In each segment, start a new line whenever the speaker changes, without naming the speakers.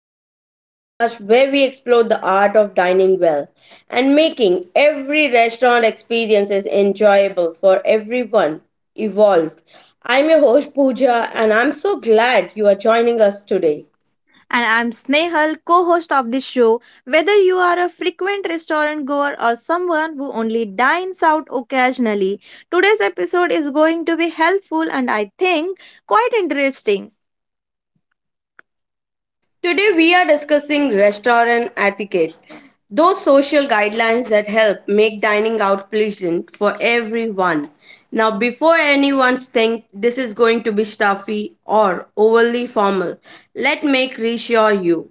Guide, the podcast where we explore the art of dining well and making every restaurant experience is enjoyable for everyone involved. I'm your host, Pooja, and I'm so glad you are joining us today.
And I'm Snehal, co host of this show. Whether you are a frequent restaurant goer or someone who only dines out occasionally, today's episode is going to be helpful and I think quite interesting.
Today we are discussing restaurant etiquette, those social guidelines that help make dining out pleasant for everyone. Now, before anyone think this is going to be stuffy or overly formal, let me reassure you.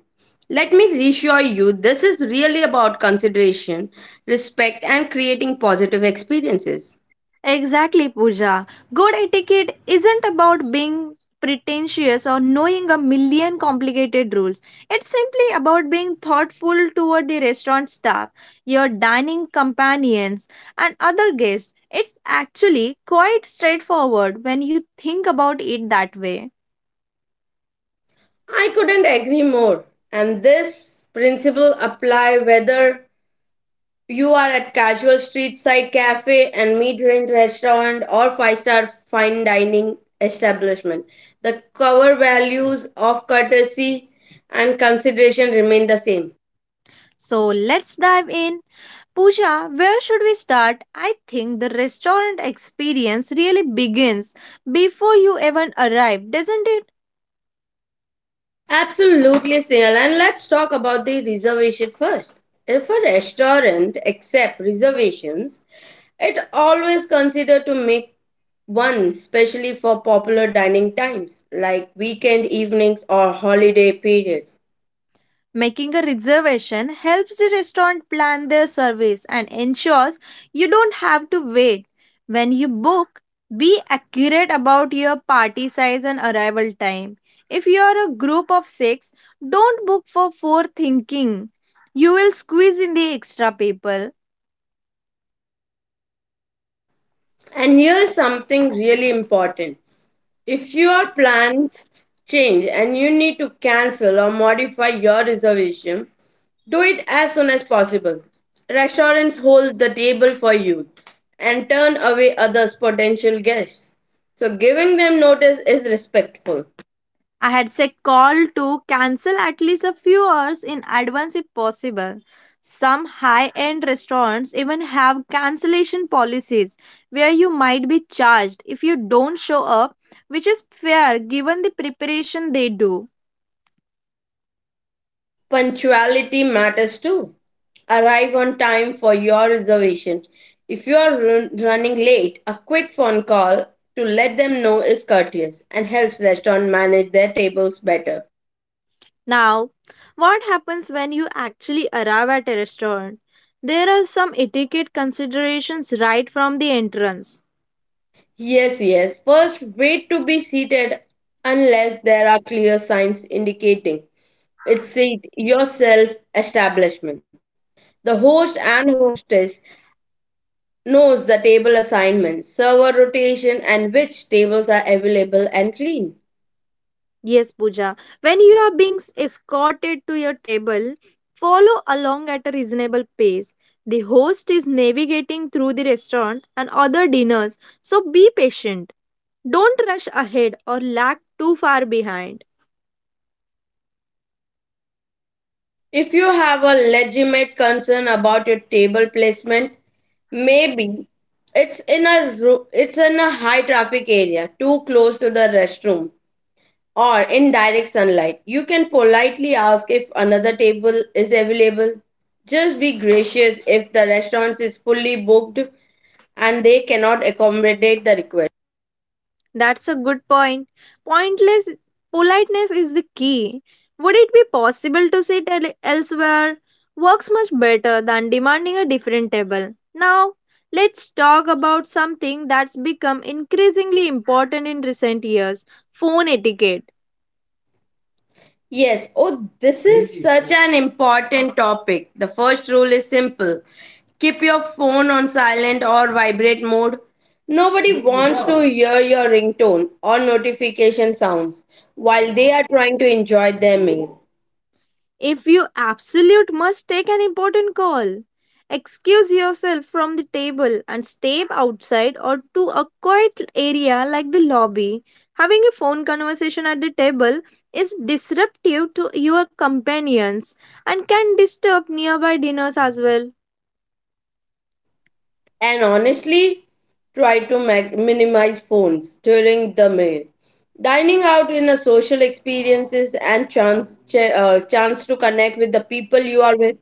This is really about consideration, respect, and creating positive experiences.
Exactly, Pooja. Good etiquette isn't about being pretentious or knowing a million complicated rules. It's simply about being thoughtful toward the restaurant staff, your dining companions, and other guests. It's actually quite straightforward when you think about it that way.
I couldn't agree more. And this principle apply whether you are at casual street side cafe and mid-range restaurant or five-star fine dining establishment. The cover values of courtesy and consideration remain the same.
So let's dive in. Pooja, where should we start? I think the restaurant experience really begins before you even arrive, doesn't it?
Absolutely, Snail. And let's talk about the reservation first. If a restaurant accepts reservations, it always consider to make one, especially for popular dining times like weekend evenings or holiday periods.
Making a reservation helps the restaurant plan their service and ensures you don't have to wait. When you book, be accurate about your party size and arrival time. If you are a group of six, don't book for four thinking. You will squeeze in the extra people.
And here's something really important. If your plans change and you need to cancel or modify your reservation, do it as soon as possible. Restaurants hold the table for you and turn away others potential guests. So giving them notice is respectful.
I had said call to cancel at least a few hours in advance if possible. Some high end restaurants even have cancellation policies where you might be charged if you don't show up, which is fair given the preparation they do.
Punctuality matters too. Arrive on time for your reservation. If you are running late, a quick phone call to let them know is courteous and helps restaurant manage their tables better.
Now, what happens when you actually arrive at a restaurant? There are some etiquette considerations right from the entrance.
Yes, yes. First, wait to be seated unless there are clear signs indicating it's seat yourself establishment. The host and hostess knows the table assignments, server rotation, and which tables are available and clean.
Yes, Pooja. When you are being escorted to your table, follow along at a reasonable pace. The host is navigating through the restaurant and other dinners, so be patient. Don't rush ahead or lag too far behind.
If you have a legitimate concern about your table placement, maybe it's in a high traffic area, too close to the restroom or in direct sunlight. You can politely ask if another table is available. Just be gracious if the restaurant is fully booked and they cannot accommodate the request.
That's a good point. Pointless politeness is the key. Would it be possible to sit elsewhere? Works much better than demanding a different table. Now, let's talk about something that's become increasingly important in recent years, phone etiquette.
Yes. Oh, this is such an important topic. The first rule is simple: keep your phone on silent or vibrate mode. Nobody wants to hear your ringtone or notification sounds while they are trying to enjoy their meal.
If you absolute must take an important call, excuse yourself from the table and step outside or to a quiet area like the lobby. Having a phone conversation at the table is disruptive to your companions and can disturb nearby dinners as well.
And honestly, try to minimize phones during the meal. Dining out in a social experiences and chance to connect with the people you are with.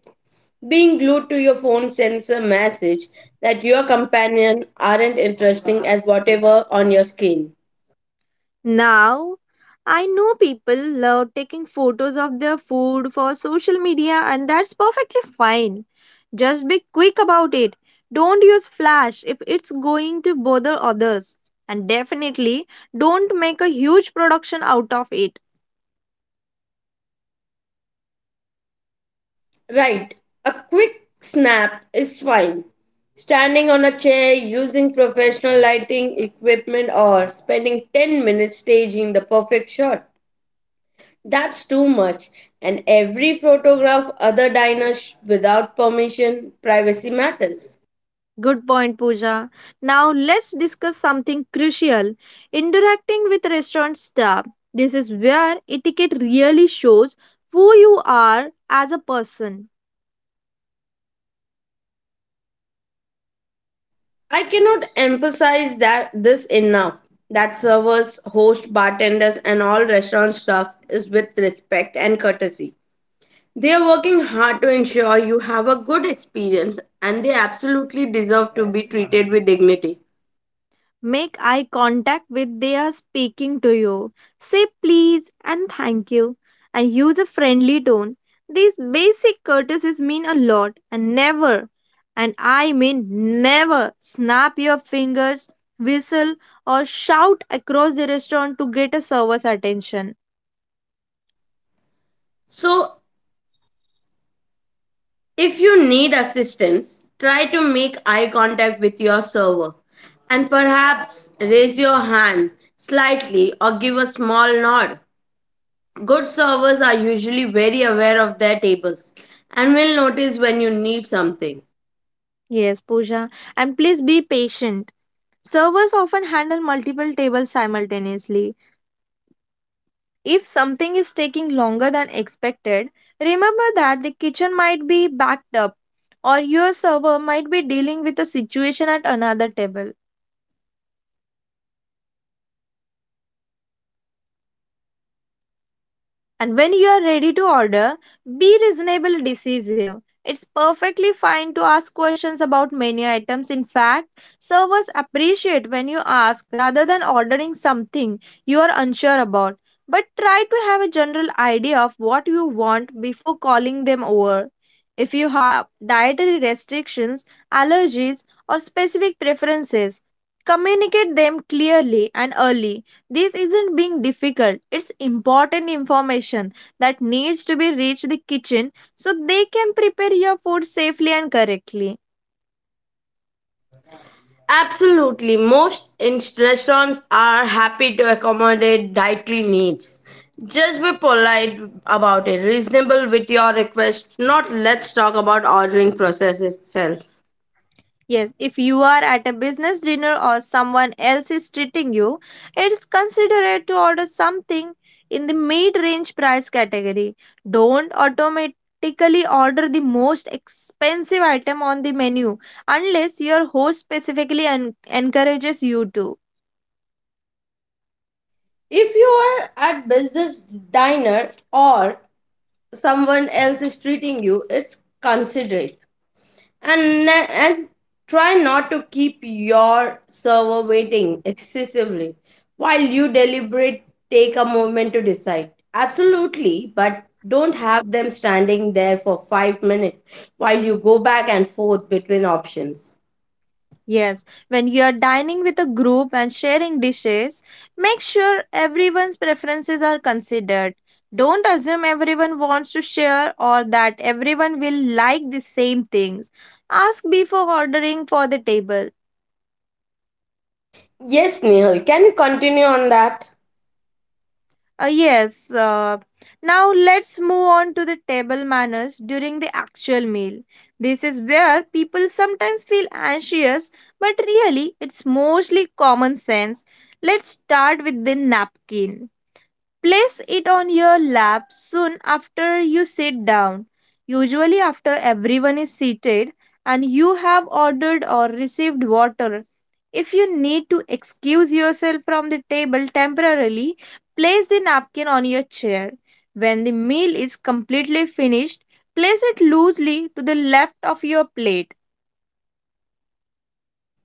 Being glued to your phone sends a message that your companion aren't interesting as whatever on your screen.
Now, I know people love taking photos of their food for social media, and that's perfectly fine. Just be quick about it. Don't use flash if it's going to bother others. And definitely don't make a huge production out of it.
Right, a quick snap is fine. Standing on a chair, using professional lighting equipment, or spending 10 minutes staging the perfect shot. That's too much. And every photograph other diners without permission, privacy matters.
Good point, Pooja. Now, let's discuss something crucial, interacting with restaurant staff. This is where etiquette really shows who you are as a person.
I cannot emphasize that this enough. That servers, hosts, bartenders, and all restaurant staff is with respect and courtesy. They are working hard to ensure you have a good experience, and they absolutely deserve to be treated with dignity.
Make eye contact with they speaking to you. Say please and thank you and use a friendly tone. These basic courtesies mean a lot and never, and I mean never, snap your fingers, whistle, or shout across the restaurant to get a server's attention.
So, if you need assistance, try to make eye contact with your server and perhaps raise your hand slightly or give a small nod. Good servers are usually very aware of their tables and will notice when you need something.
Yes, Pooja. And please be patient. Servers often handle multiple tables simultaneously. If something is taking longer than expected, remember that the kitchen might be backed up or your server might be dealing with a situation at another table. And when you are ready to order, be reasonable decisive. It's perfectly fine to ask questions about menu items. In fact, servers appreciate when you ask rather than ordering something you are unsure about. But try to have a general idea of what you want before calling them over. If you have dietary restrictions, allergies, or specific preferences, communicate them clearly and early. This isn't being difficult. It's important information that needs to be reached the kitchen so they can prepare your food safely and correctly.
Absolutely, most restaurants are happy to accommodate dietary needs. Just be polite about it, reasonable with your request. Not let's talk about ordering process itself.
Yes, if you are at a business dinner or someone else is treating you, it's considerate to order something in the mid-range price category. Don't automatically order the most expensive item on the menu unless your host specifically encourages you to.
If you are at business diner or someone else is treating you, it's considerate. And try not to keep your server waiting excessively while you deliberate. Take a moment to decide absolutely, but don't have them standing there for 5 minutes while you go back and forth between options.
Yes, when you are dining with a group and sharing dishes, make sure everyone's preferences are considered. Don't assume everyone wants to share or that everyone will like the same things. Ask before ordering for the table.
Yes, Nihal, can you continue on that?
Yes, now let's move on to the table manners during the actual meal. This is where people sometimes feel anxious, but really it's mostly common sense. Let's start with the napkin. Place it on your lap soon after you sit down, usually after everyone is seated and you have ordered or received water. If you need to excuse yourself from the table temporarily, place the napkin on your chair. When the meal is completely finished, place it loosely to the left of your plate.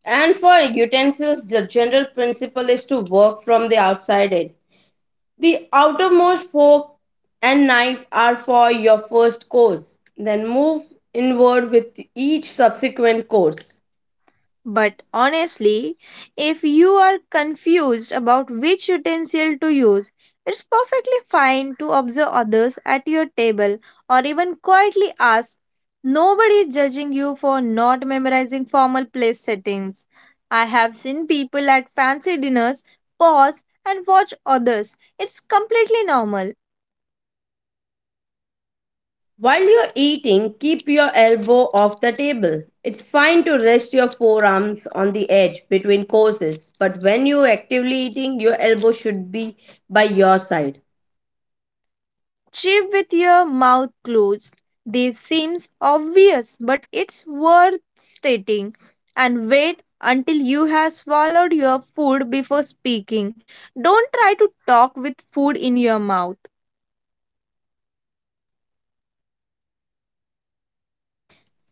And for utensils, the general principle is to work from the outside in. The outermost fork and knife are for your first course. Then move inward with each subsequent course.
But honestly, if you are confused about which utensil to use, it's perfectly fine to observe others at your table or even quietly ask. Nobody is judging you for not memorizing formal place settings. I have seen people at fancy dinners pause and watch others. It's completely normal.
While you're eating, keep your elbow off the table. It's fine to rest your forearms on the edge between courses, but when you're actively eating, your elbow should be by your side.
Chew with your mouth closed. This seems obvious, but it's worth stating. And wait until you have swallowed your food before speaking. Don't try to talk with food in your mouth.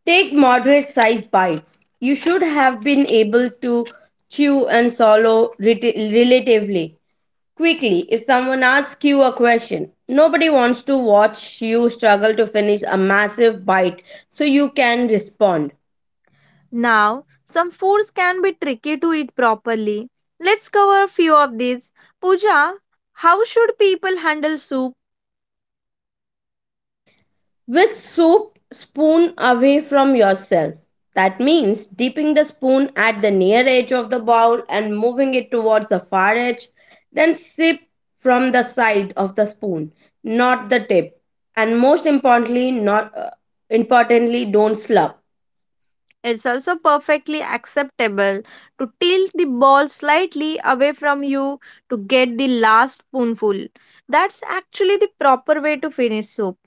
Take moderate sized bites. You should have been able to chew and swallow relatively quickly. If someone asks you a question, nobody wants to watch you struggle to finish a massive bite, so you can respond
Now, some foods can be tricky to eat properly. Let's cover a few of these. Pooja, how should people handle soup?
with soup spoon away from yourself. That means dipping the spoon at the near edge of the bowl and moving it towards the far edge, then sip from the side of the spoon, not the tip. And most importantly, not importantly, don't slurp.
It's also perfectly acceptable to tilt the ball slightly away from you to get the last spoonful. That's actually the proper way to finish soup.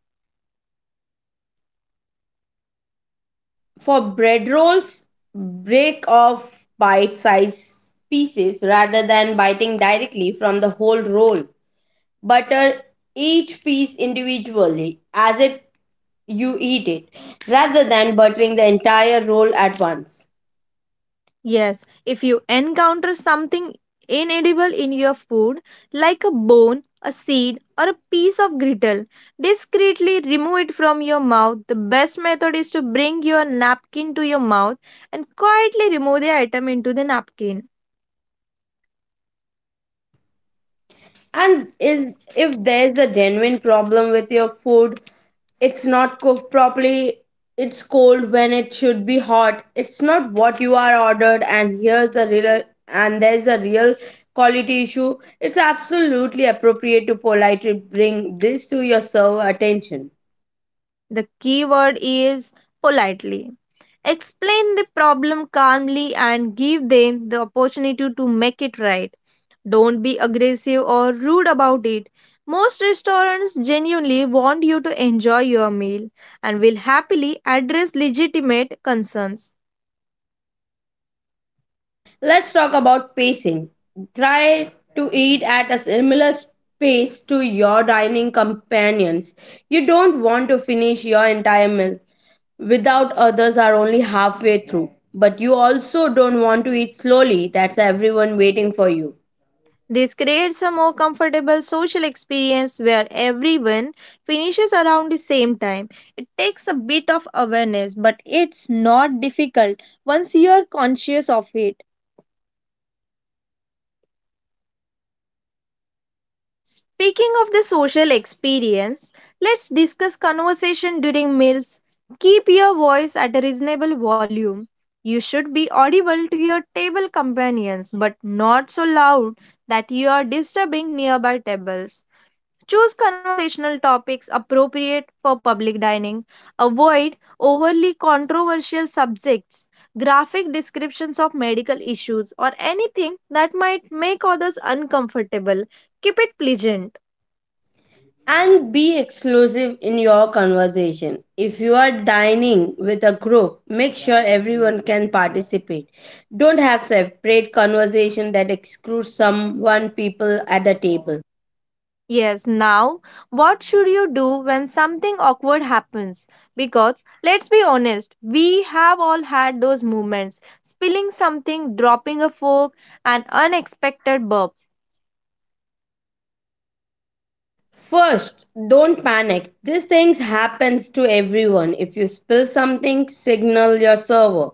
For bread rolls, break off bite sized pieces rather than biting directly from the whole roll. Butter each piece individually as it you eat it rather than buttering the entire roll at once.
Yes, if you encounter something inedible in your food, like a bone, a seed, or a piece of grittle, discreetly remove it from your mouth. The best method is to bring your napkin to your mouth and quietly remove the item into the napkin.
And is if there's a genuine problem with your food, it's not cooked properly, it's cold when it should be hot, it's not what you are ordered, and here's the real and there's a real quality issue, it's absolutely appropriate to politely bring this to your server attention.
The key word is politely. Explain the problem calmly and give them the opportunity to make it right. Don't be aggressive or rude about it. Most restaurants genuinely want you to enjoy your meal and will happily address legitimate concerns.
Let's talk about pacing. Try to eat at a similar pace to your dining companions. You don't want to finish your entire meal without others are only halfway through. But you also don't want to eat slowly, that's everyone waiting for you.
This creates a more comfortable social experience where everyone finishes around the same time. It takes a bit of awareness, but it's not difficult once you are conscious of it. Speaking of the social experience, let's discuss conversation during meals. Keep your voice at a reasonable volume. You should be audible to your table companions, but not so loud that you are disturbing nearby tables. Choose conversational topics appropriate for public dining. Avoid overly controversial subjects, graphic descriptions of medical issues, or anything that might make others uncomfortable. Keep it pleasant.
And be exclusive in your conversation. If you are dining with a group, make sure everyone can participate. Don't have separate conversation that excludes someone people at the table.
Yes, now, what should you do when something awkward happens? Because, let's be honest, we have all had those moments, spilling something, dropping a fork, an unexpected burp.
First, don't panic. These things happens to everyone. If you spill something, signal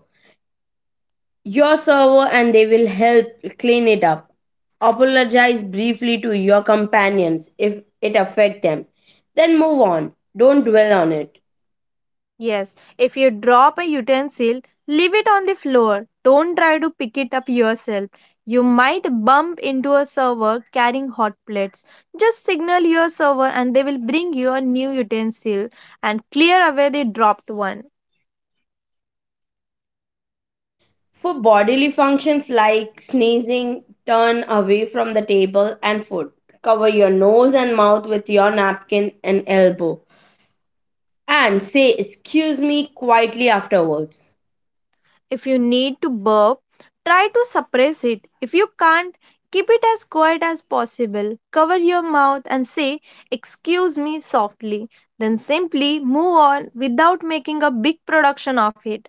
your server, and they will help clean it up. Apologize briefly to your companions if it affect them. Then move on. Don't dwell on it.
Yes, if you drop a utensil, leave it on the floor. Don't try to pick it up yourself. You might bump into a server carrying hot plates. Just signal your server and they will bring you a new utensil and clear away the dropped one.
For bodily functions like sneezing, turn away from the table and food. Cover your nose and mouth with your napkin and elbow, and say excuse me quietly afterwards.
If you need to burp, try to suppress it. If you can't, keep it as quiet as possible. Cover your mouth and say, "Excuse me" softly. Then simply move on without making a big production of it.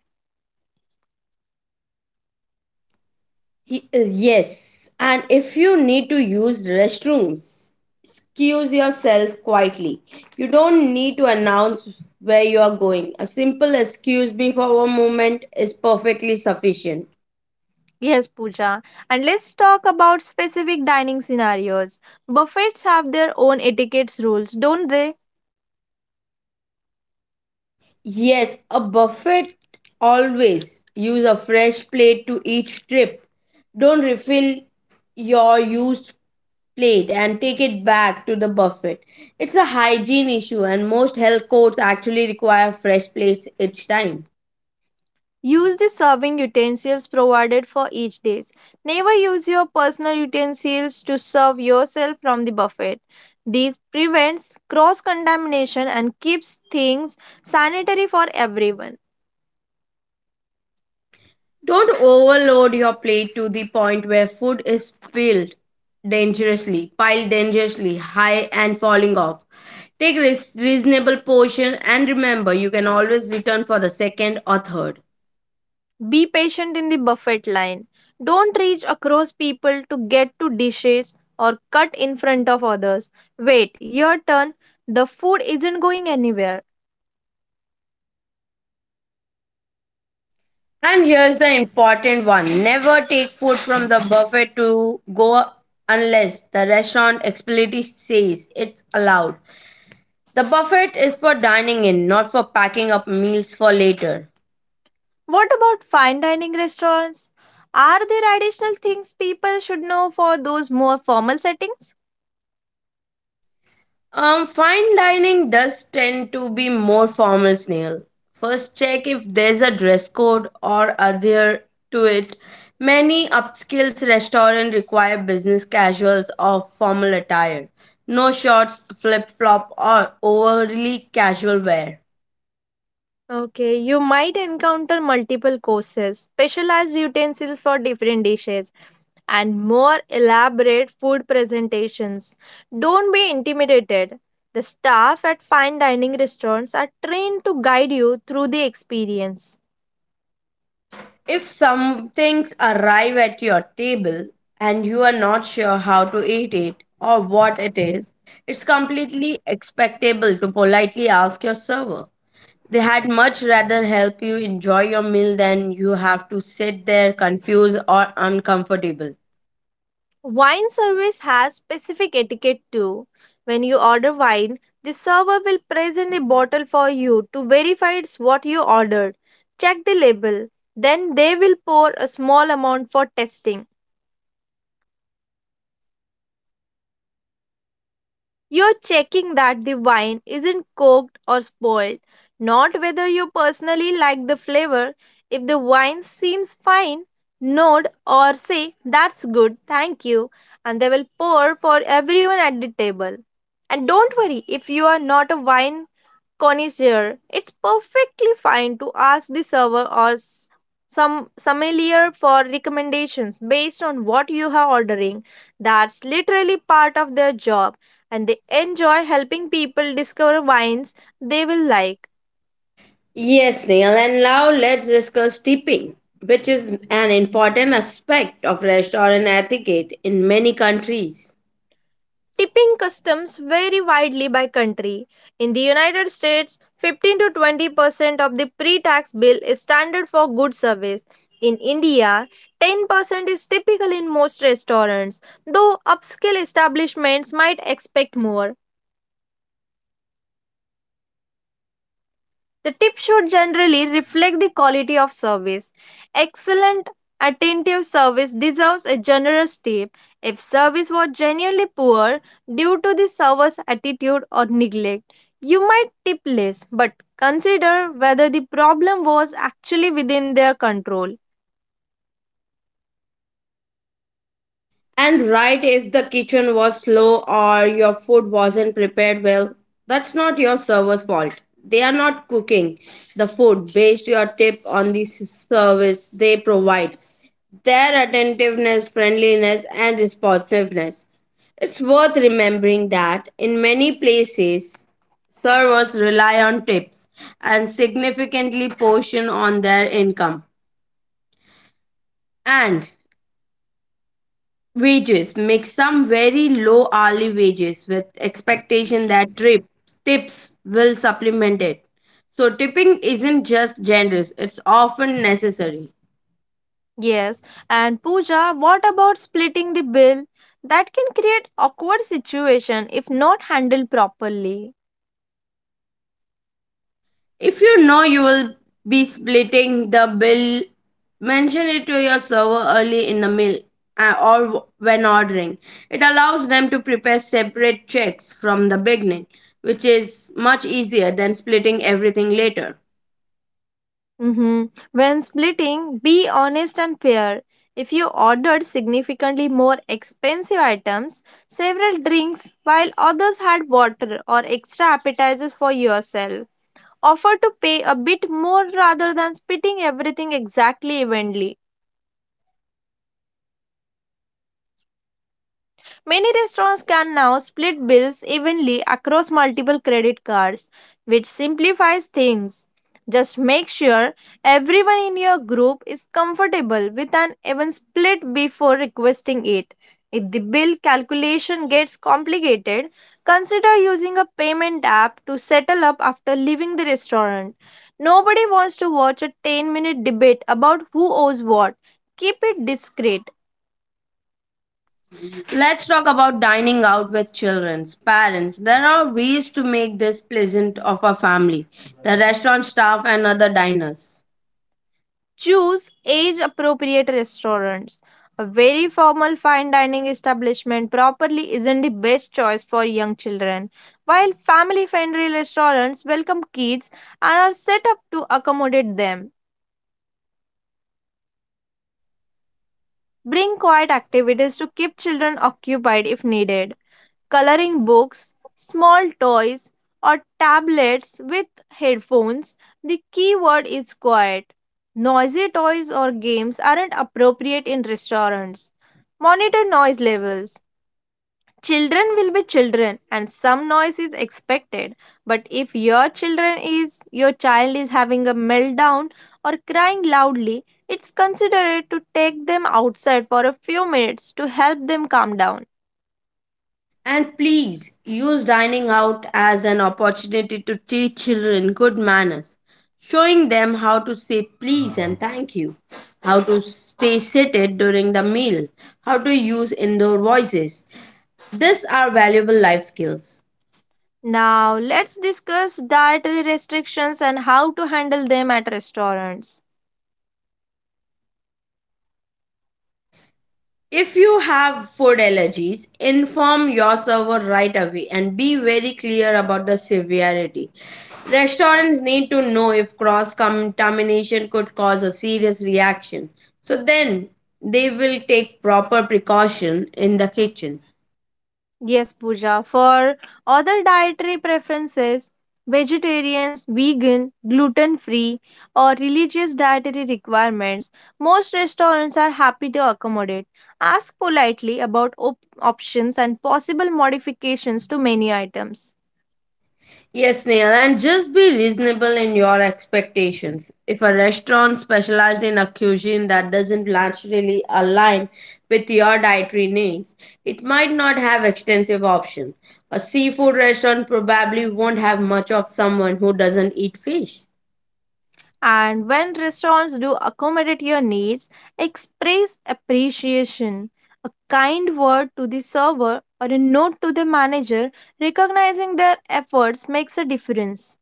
Y- uh, Yes, and if you need to use restrooms, excuse yourself quietly. You don't need to announce where you are going. A simple excuse me for a moment is perfectly sufficient.
Yes, Pooja. And let's talk about specific dining scenarios. Buffets have their own etiquette rules, don't they?
Yes, a buffet, always use a fresh plate to each trip. Don't refill your used plate and take it back to the buffet. It's a hygiene issue and most health codes actually require fresh plates each time.
Use the serving utensils provided for each dish. Never use your personal utensils to serve yourself from the buffet. This prevents cross contamination and keeps things sanitary for everyone.
Don't overload your plate to the point where food is spilled dangerously, piled dangerously high and falling off. Take reasonable portion and remember you can always return for the second or third.
Be patient in the buffet line. Don't reach across people to get to dishes or cut in front of others. Wait, your turn. The food isn't going anywhere.
And here's the important one: never take food from the buffet to go unless the restaurant explicitly says it's allowed. The buffet is for dining in, not for packing up meals for later.
What about fine dining restaurants? Are there additional things people should know for those more formal settings?
Fine dining does tend to be more formal, Snail. First, check if there's a dress code or adhere to it. Many upscale restaurants require business casuals or formal attire. No shorts, flip flop, or overly casual wear.
Okay, you might encounter multiple courses, specialized utensils for different dishes, and more elaborate food presentations. Don't be intimidated. The staff at fine dining restaurants are trained to guide you through the experience.
If some things arrive at your table and you are not sure how to eat it or what it is, it's completely expectable to politely ask your server. They had much rather help you enjoy your meal than you have to sit there confused or uncomfortable.
Wine service has specific etiquette too. When you order wine, the server will present the bottle for you to verify it's what you ordered. Check the label. Then they will pour a small amount for testing. You're checking that the wine isn't coked or spoiled, not whether you personally like the flavor. If the wine seems fine, nod or say, "That's good, thank you," and they will pour for everyone at the table. And don't worry if you are not a wine connoisseur, it's perfectly fine to ask the server or some sommelier for recommendations based on what you are ordering. That's literally part of their job, and they enjoy helping people discover wines they will like.
Yes, Neil, and now let's discuss tipping, which is an important aspect of restaurant etiquette in many countries.
Tipping customs vary widely by country. In the United States, 15 to 20% of the pre tax bill is standard for good service. In India, 10% is typical in most restaurants, though upscale establishments might expect more. The tip should generally reflect the quality of service. Excellent, attentive service deserves a generous tip. If service was genuinely poor due to the server's attitude or neglect, you might tip less, but consider whether the problem was actually within their control.
And right, if the kitchen was slow or your food wasn't prepared well, that's not your server's fault. They are not cooking the food based your tip on the service they provide. Their attentiveness, friendliness, and responsiveness. It's worth remembering that in many places, servers rely on tips and significantly portion on their income. And wages make some very low hourly wages with expectation that tips will supplement it. So tipping isn't just generous, it's often necessary.
Yes, and Pooja, what about splitting the bill? That can create awkward situation if not handled properly.
If you know you will be splitting the bill, mention it to your server early in the meal, or when ordering. It allows them to prepare separate checks from the beginning, which is much easier than splitting everything later.
Mm-hmm. When splitting, be honest and fair. If you ordered significantly more expensive items, several drinks, while others had water or extra appetizers for yourself, offer to pay a bit more rather than splitting everything exactly evenly. Many restaurants can now split bills evenly across multiple credit cards, which simplifies things. Just make sure everyone in your group is comfortable with an even split before requesting it. If the bill calculation gets complicated, consider using a payment app to settle up after leaving the restaurant. Nobody wants to watch a 10-minute debate about who owes what. Keep it discreet.
Let's talk about dining out with children's parents. There are ways to make this pleasant of a family, the restaurant staff and other diners.
Choose age appropriate restaurants. A very formal fine dining establishment properly isn't the best choice for young children, while family friendly restaurants welcome kids and are set up to accommodate them. Bring quiet activities to keep children occupied if needed: coloring books, small toys, or tablets with headphones. The key word is quiet. Noisy toys or games aren't appropriate in restaurants. Monitor noise levels. Children will be children and some noise is expected. But if your children is your child is having a meltdown or crying loudly, it's considerate to take them outside for a few minutes to help them calm down.
And please use dining out as an opportunity to teach children good manners, showing them how to say please and thank you, how to stay seated during the meal, how to use indoor voices. These are valuable life skills.
Now, let's discuss dietary restrictions and how to handle them at restaurants.
If you have food allergies, inform your server right away and be very clear about the severity. Restaurants need to know if cross contamination could cause a serious reaction. So then they will take proper precaution in the kitchen.
Yes, Pooja, for other dietary preferences, vegetarians, vegan, gluten free, or religious dietary requirements, most restaurants are happy to accommodate. Ask politely about options and possible modifications to menu items.
Yes, Neil, and just be reasonable in your expectations. If a restaurant specialized in a cuisine that doesn't naturally align with your dietary needs, it might not have extensive options. A seafood restaurant probably won't have much of someone who doesn't eat fish.
And when restaurants do accommodate your needs, express appreciation. A kind word to the server or a note to the manager recognizing their efforts makes a difference.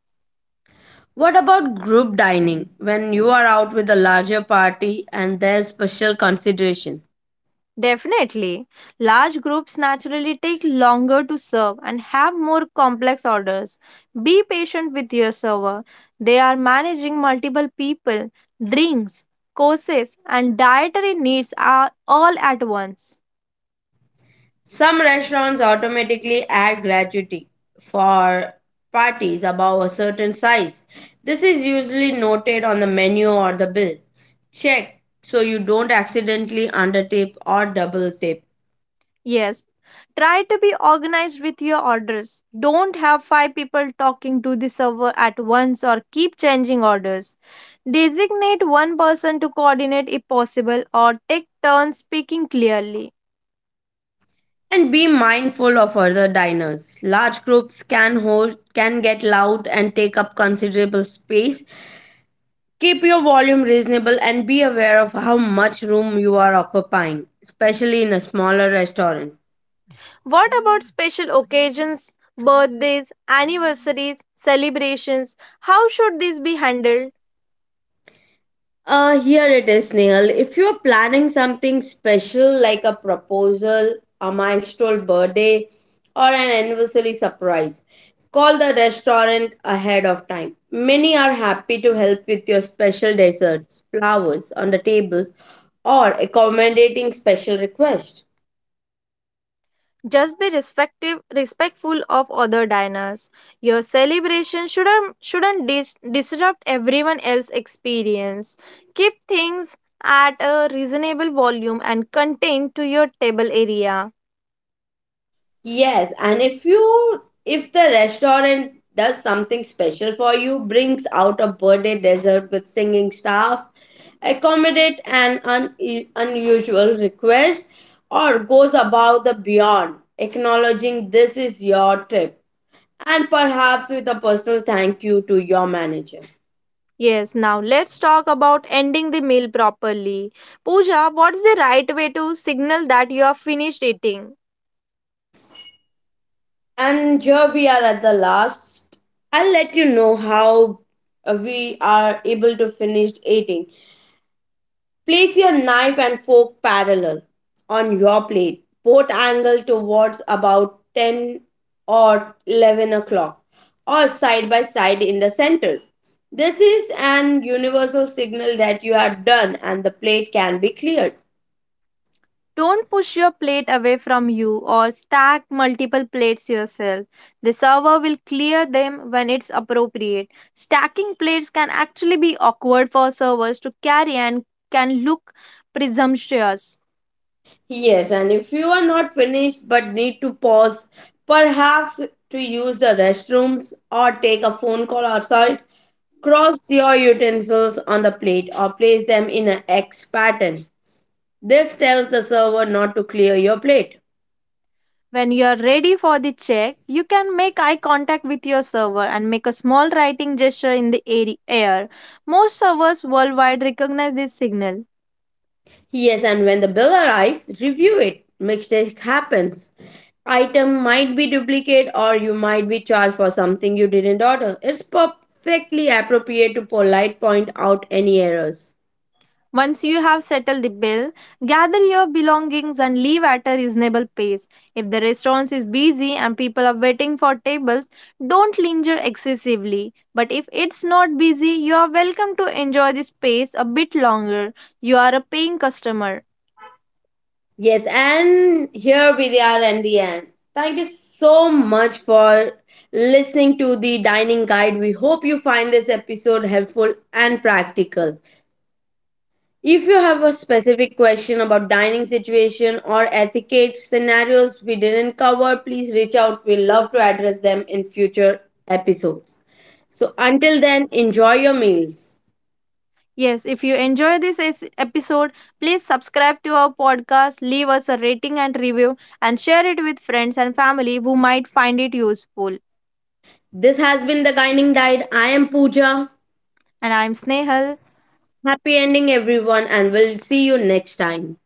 What about group dining? When you are out with a larger party and there's special consideration,
Definitely. Large groups naturally take longer to serve and have more complex orders. Be patient with your server. They are managing multiple people, drinks, courses, and dietary needs are all at once.
some restaurants automatically add gratuity for parties above a certain size. This is usually noted on the menu or the bill. Check so you don't accidentally undertip or double tip.
Yes. Try to be organized with your orders. Don't have five people talking to the server at once or keep changing orders. Designate one person to coordinate if possible or take turns speaking clearly.
And be mindful of other diners. Large groups can hold can get loud and take up considerable space. Keep your volume reasonable and be aware of how much room you are occupying, especially in a smaller restaurant.
What about special occasions, birthdays, anniversaries, celebrations? How should these be handled?
Here it is, Nehal. If you're planning something special like a proposal, a milestone birthday, or an anniversary surprise, call the restaurant ahead of time. Many are happy to help with your special desserts, flowers on the tables, or accommodating special requests.
Just be respectful of other diners. Your celebration shouldn't disrupt everyone else's experience. Keep things at a reasonable volume and contained to your table area.
Yes, and if you if the restaurant does something special for you, brings out a birthday dessert with singing staff, accommodate an unusual request, or goes above the beyond, acknowledging this is your trip, and perhaps with a personal thank you to your manager.
Yes, now let's talk about ending the meal properly. Pooja, what's the right way to signal that you are finished eating?
And here we are at the last. I'll let you know how we are able to finish eating. Place your knife and fork parallel on your plate, both angled towards about 10 or 11 o'clock, or side by side in the center. This is an universal signal that you are done and the plate can be cleared.
Don't push your plate away from you or stack multiple plates yourself. The server will clear them when it's appropriate. Stacking plates can actually be awkward for servers to carry and can look presumptuous.
Yes, and if you are not finished but need to pause, perhaps to use the restrooms or take a phone call outside, cross your utensils on the plate or place them in an X pattern. This tells the server not to clear your plate.
When you're ready for the check, you can make eye contact with your server and make a small writing gesture in the air. Most servers worldwide recognize this signal.
Yes, and when the bill arrives, review it. Mistake happens. Item might be duplicate or you might be charged for something you didn't order. It's perfectly appropriate to polite point out any errors.
Once you have settled the bill, gather your belongings and leave at a reasonable pace. If the restaurant is busy and people are waiting for tables, don't linger excessively. But if it's not busy, you are welcome to enjoy the space a bit longer. You are a paying customer.
Yes, and here we are at the end. Thank you so much for listening to the dining guide. We hope you find this episode helpful and practical. If you have a specific question about dining situation or etiquette scenarios we didn't cover, please reach out. We'll love to address them in future episodes. So until then, enjoy your meals.
Yes, if you enjoy this episode, please subscribe to our podcast, leave us a rating and review, and share it with friends and family who might find it useful.
This has been the Dining Diet. I am Pooja.
And I'm Snehal.
Happy ending, everyone, and we'll see you next time.